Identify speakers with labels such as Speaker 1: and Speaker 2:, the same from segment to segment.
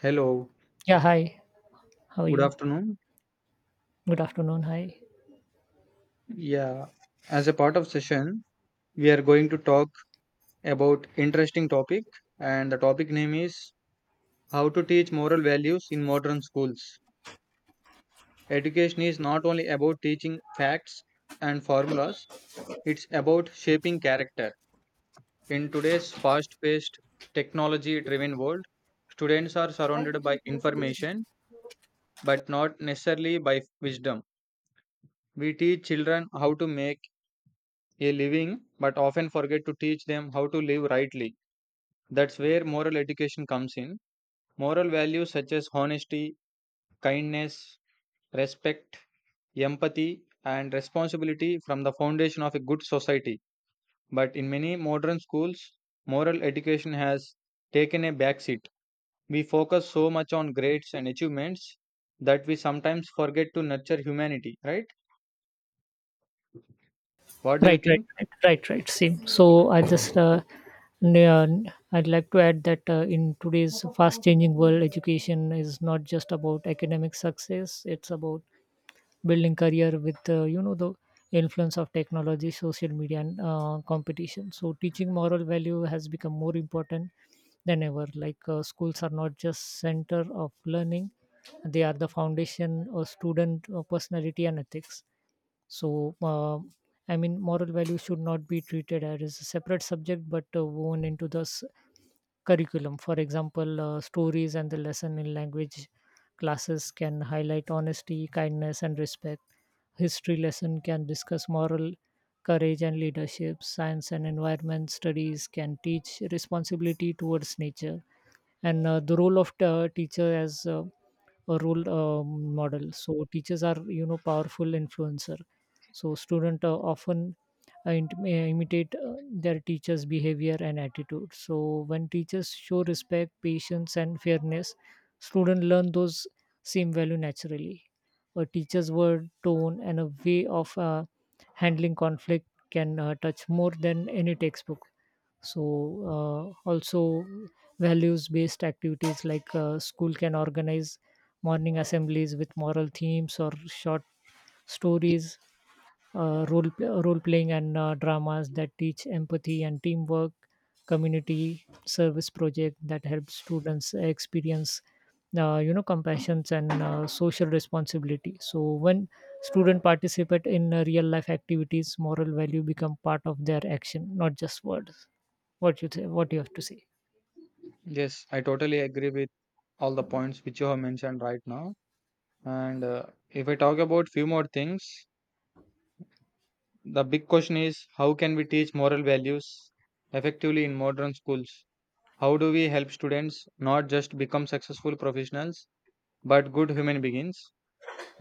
Speaker 1: Hello,
Speaker 2: Yeah, hi. How are
Speaker 1: good
Speaker 2: you?
Speaker 1: afternoon.
Speaker 2: Good afternoon. Hi.
Speaker 1: Yeah, as a part of session, we are going to talk about interesting topic and the topic name is how to teach moral values in modern schools. Education is not only about teaching facts and formulas, it's about shaping character. In today's fast-paced, technology-driven world, students are surrounded by information but not necessarily by wisdom. We teach children how to make a living, but often forget to teach them how to live rightly. That's where moral education comes in. Moral values such as honesty, kindness, respect, empathy, and responsibility from the foundation of a good society. But in many modern schools, moral education has taken a backseat. We focus so much on grades and achievements that we sometimes forget to nurture humanity, right? What do you
Speaker 2: Right, right,
Speaker 1: think?
Speaker 2: right, right, right. Same. So I just n- uh, I'd like to add that in today's fast-changing world, education is not just about academic success. It's about building career with the influence of technology, social media, and competition. So teaching moral value has become more important than ever. Like schools are not just center of learning; they are the foundation of student personality and ethics. So, moral values should not be treated as a separate subject but woven into the curriculum. For example, stories and the lesson in language classes can highlight honesty, kindness, and respect. History lesson can discuss moral courage and leadership. Science and environment studies can teach responsibility towards nature. And the role of teacher as a role model. So teachers are powerful influencer. So student often uh, int- uh, imitate their teachers' behavior and attitude. So when teachers show respect, patience, and fairness, students learn those same value naturally. A teacher's word, tone, and a way of handling conflict can touch more than any textbook. So also, values-based activities like school can organize morning assemblies with moral themes or short stories, role playing and dramas that teach empathy and teamwork, community service project that helps students experience compassions and social responsibility. So when student participate in real life activities, moral value become part of their action, not just words. What you say? What you have to say?
Speaker 1: Yes, I totally agree with all the points which you have mentioned right now. And if I talk about few more things, the big question is how can we teach moral values effectively in modern schools? How do we help students not just become successful professionals but good human beings?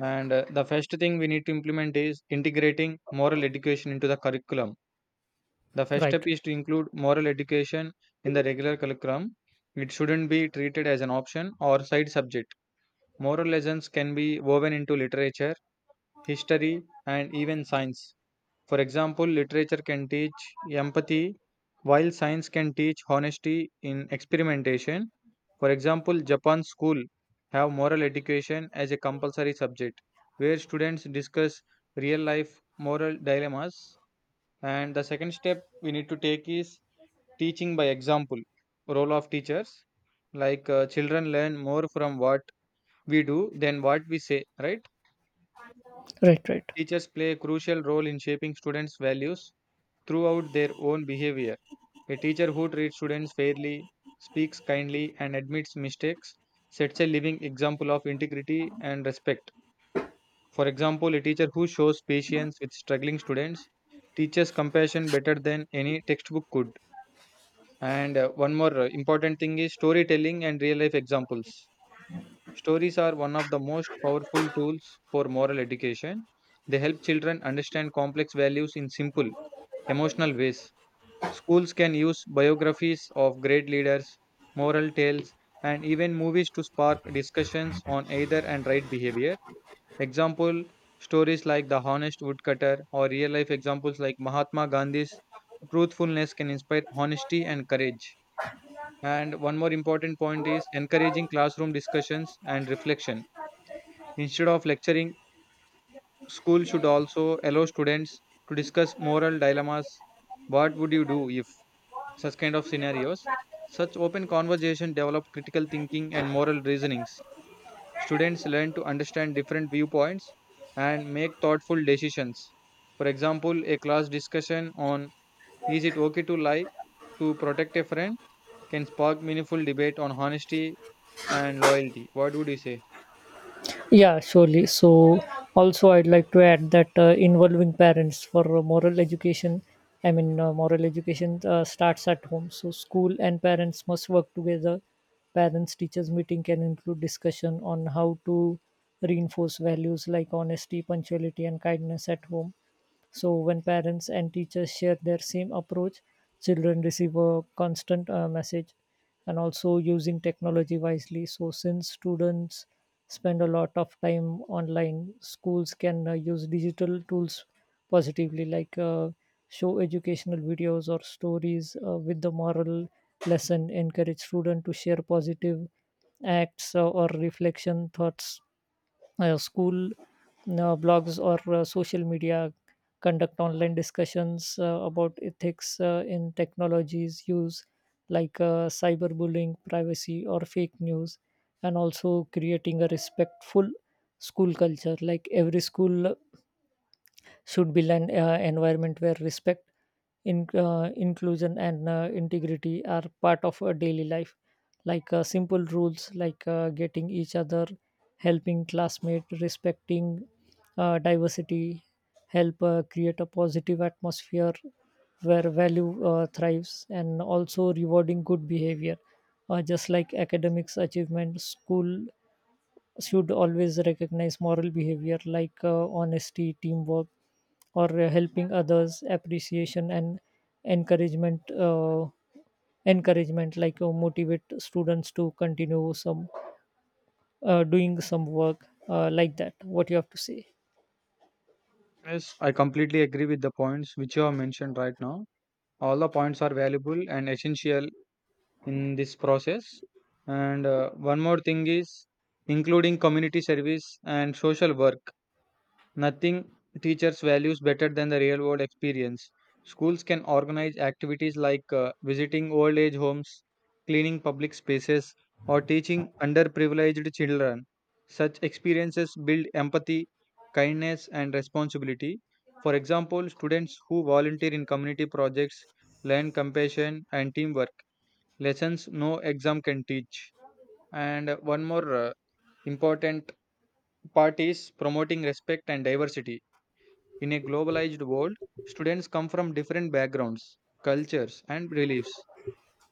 Speaker 1: And the first thing we need to implement is integrating moral education into the curriculum. The first step
Speaker 2: Right,
Speaker 1: is to include moral education in the regular curriculum. It shouldn't be treated as an option or side subject. Moral lessons can be woven into literature, history, and even science. For example, literature can teach empathy, while science can teach honesty in experimentation. For example, Japan's school have moral education as a compulsory subject, where students discuss real life moral dilemmas. And the second step we need to take is teaching by example, role of teachers. Like children learn more from what we do than what we say, right?
Speaker 2: right, right.
Speaker 1: Teachers play a crucial role in shaping students' values throughout their own behavior. A teacher who treats students fairly, speaks kindly, and admits mistakes sets a living example of integrity and respect. For example, a teacher who shows patience with struggling students teaches compassion better than any textbook could. And one more important thing is storytelling and real life examples. Stories are one of the most powerful tools for moral education. They help children understand complex values in simple, emotional ways. Schools can use biographies of great leaders, moral tales, and even movies to spark discussions on either and right behavior. Example stories like The Honest Woodcutter or real life examples like Mahatma Gandhi's truthfulness can inspire honesty and courage. And one more important point is encouraging classroom discussions and reflection. Instead of lecturing, school should also allow students to discuss moral dilemmas. What would you do such kind of scenarios. Such open conversation develop critical thinking and moral reasonings. Students learn to understand different viewpoints and make thoughtful decisions. For example, a class discussion on is it okay to lie to protect a friend can spark meaningful debate on honesty and loyalty. What would you say?
Speaker 2: Yeah, surely. So, also, I'd like to add that involving parents for moral education. Moral education starts at home. So, school and parents must work together. Parents teachers meeting can include discussion on how to reinforce values like honesty, punctuality, and kindness at home. So when parents and teachers share their same approach, children receive a constant message. And also using technology wisely. So since students spend a lot of time online, schools can use digital tools positively, like show educational videos or stories with the moral lesson, encourage students to share positive acts or reflection thoughts, school blogs or social media, conduct online discussions about ethics in technologies use like cyberbullying, privacy or fake news. And also creating a respectful school culture, like every school should build an environment where respect, inclusion, and integrity are part of a daily life. Like simple rules like getting each other, helping classmate, respecting diversity, help create a positive atmosphere where value thrives. And also rewarding good behavior, just like academics achievement, school should always recognize moral behavior like honesty, teamwork, or helping others, appreciation and encouragement. Encouragement like motivate students to continue some doing some work like that. What you have to say?
Speaker 1: Yes, I completely agree with the points which you have mentioned right now. All the points are valuable and essential in this process. And one more thing is including community service and social work. Nothing teachers values better than the real world experience. Schools can organize activities like visiting old age homes, cleaning public spaces, or teaching underprivileged children. Such experiences build empathy, kindness, and responsibility. For example, students who volunteer in community projects learn compassion and teamwork lessons no exam can teach. And one more important part is promoting respect and diversity. In a globalized world, students come from different backgrounds, cultures, and beliefs.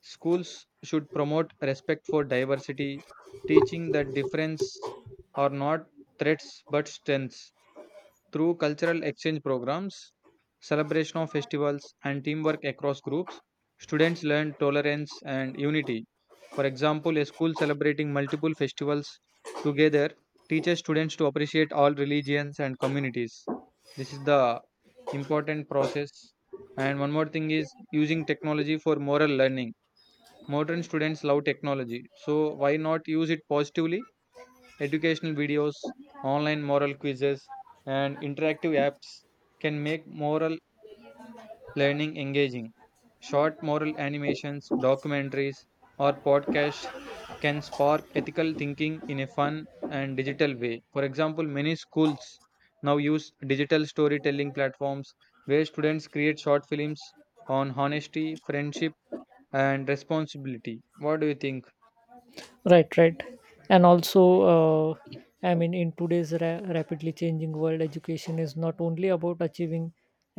Speaker 1: Schools should promote respect for diversity, teaching that difference are not threats but strengths. Through cultural exchange programs, celebration of festivals, and teamwork across groups, students learn tolerance and unity. For example, a school celebrating multiple festivals together teaches students to appreciate all religions and communities. This is the important process. And one more thing is using technology for moral learning. Modern students love technology, so why not use it positively? Educational videos, online moral quizzes, and interactive apps can make moral learning engaging. Short moral animations, documentaries, or podcasts can spark ethical thinking in a fun and digital way. For example, many schools now use digital storytelling platforms where students create short films on honesty, friendship, and responsibility. What do you think?
Speaker 2: Right, right. And also in today's rapidly changing world, education is not only about achieving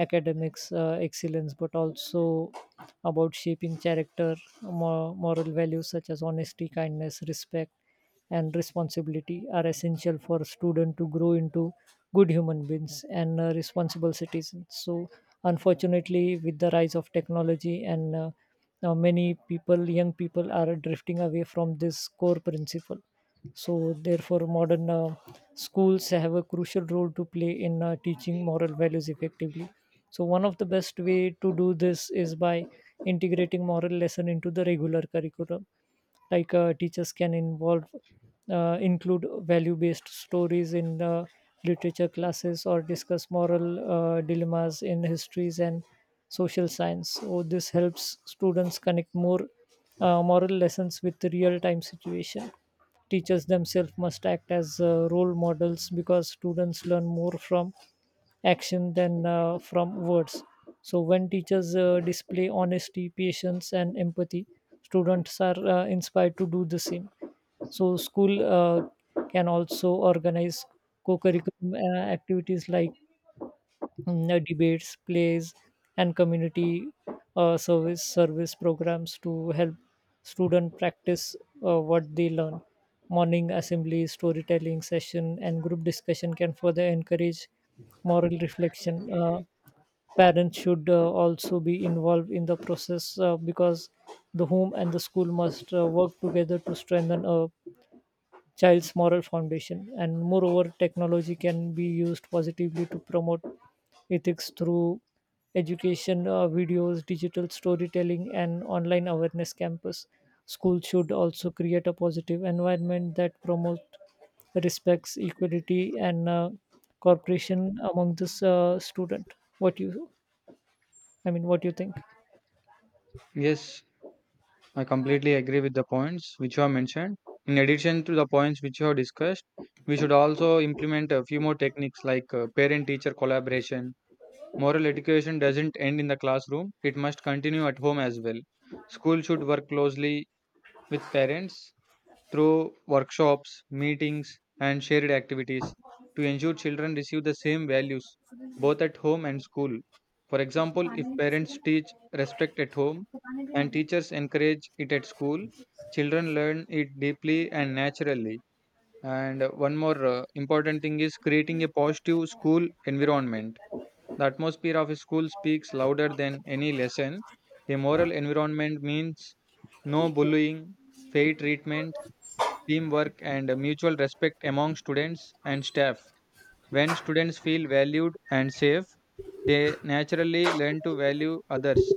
Speaker 2: academics excellence but also about shaping character. Moral values such as honesty, kindness, respect and responsibility are essential for students to grow into good human beings and responsible citizens. So, unfortunately, with the rise of technology and now many people, young people, are drifting away from this core principle. So, therefore, modern schools have a crucial role to play in teaching moral values effectively. So, one of the best way to do this is by integrating moral lesson into the regular curriculum, like teachers can involve include value based stories in literature classes or discuss moral dilemmas in histories and social science. So this helps students connect more moral lessons with real time situation. Teachers themselves must act as role models because students learn more from action than from words. So when teachers display honesty, patience, and empathy, students are inspired to do the same. So school can also organize co-curriculum activities like debates, plays, and community service programs to help student practice what they learn. Morning assemblies, storytelling session, and group discussion can further encourage moral reflection. Parents should also be involved in the process because the home and the school must work together to strengthen a child's moral foundation. And moreover, technology can be used positively to promote ethics through education, videos, digital storytelling, and online awareness campus. Schools should also create a positive environment that promotes respects, equality, and cooperation among this student. What you, what do you think?
Speaker 1: Yes, I completely agree with the points which you have mentioned. In addition to the points which you have discussed, we should also implement a few more techniques like parent teacher collaboration. Moral education doesn't end in the classroom, it must continue at home as well. School should work closely with parents through workshops, meetings, and shared activities to ensure children receive the same values both at home and school. For example, if parents teach respect at home and teachers encourage it at school, children learn it deeply and naturally. And one more important thing is creating a positive school environment. The atmosphere of a school speaks louder than any lesson. A moral environment means no bullying, fair treatment, teamwork and mutual respect among students and staff. When students feel valued and safe, they naturally learn to value others.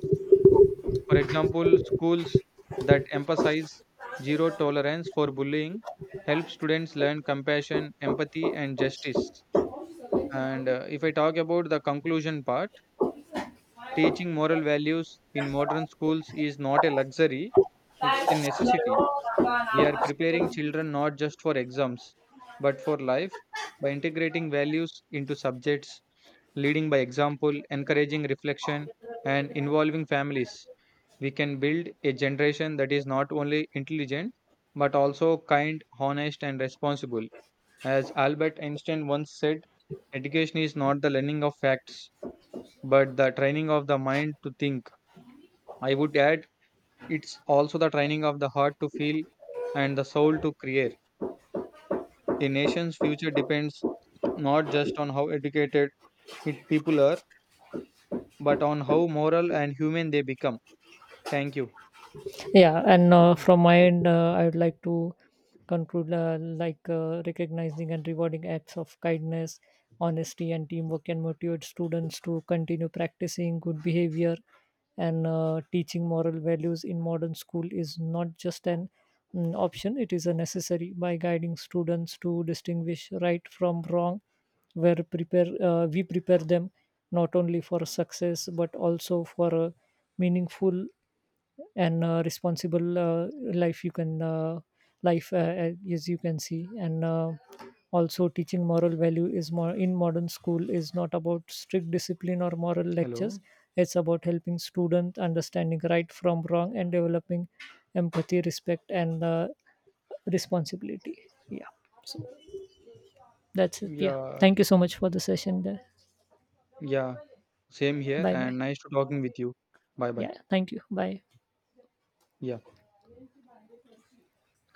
Speaker 1: For example, schools that emphasize zero tolerance for bullying help students learn compassion, empathy, and justice. And if I talk about the conclusion part, teaching moral values in modern schools is not a luxury, it's a necessity. We are preparing children not just for exams, but for life by integrating values into subjects, leading by example, encouraging reflection, and involving families. We can build a generation that is not only intelligent, but also kind, honest, and responsible. As Albert Einstein once said, education is not the learning of facts, but the training of the mind to think. I would add, it's also the training of the heart to feel and the soul to create. A nation's future depends not just on how educated it people are, but on how moral and human they become. Thank you.
Speaker 2: Yeah, and from my end I would like to conclude, like recognizing and rewarding acts of kindness, honesty and teamwork can motivate students to continue practicing good behavior. And teaching moral values in modern school is not just an option, it is a necessary. By guiding students to distinguish right from wrong, where prepare we prepare them not only for success but also for a meaningful and responsible life. You can life as you can see. And also teaching moral value is more in modern school is not about strict discipline or moral lectures,
Speaker 1: Hello.
Speaker 2: it's about helping students understanding right from wrong and developing empathy, respect and responsibility. Yeah. So that's it. Yeah,
Speaker 1: Yeah,
Speaker 2: thank you so much for the session there.
Speaker 1: yeah, same here,
Speaker 2: Bye bye.
Speaker 1: and nice to talking with you. Bye bye.
Speaker 2: Yeah, thank you. Bye.
Speaker 1: Yeah.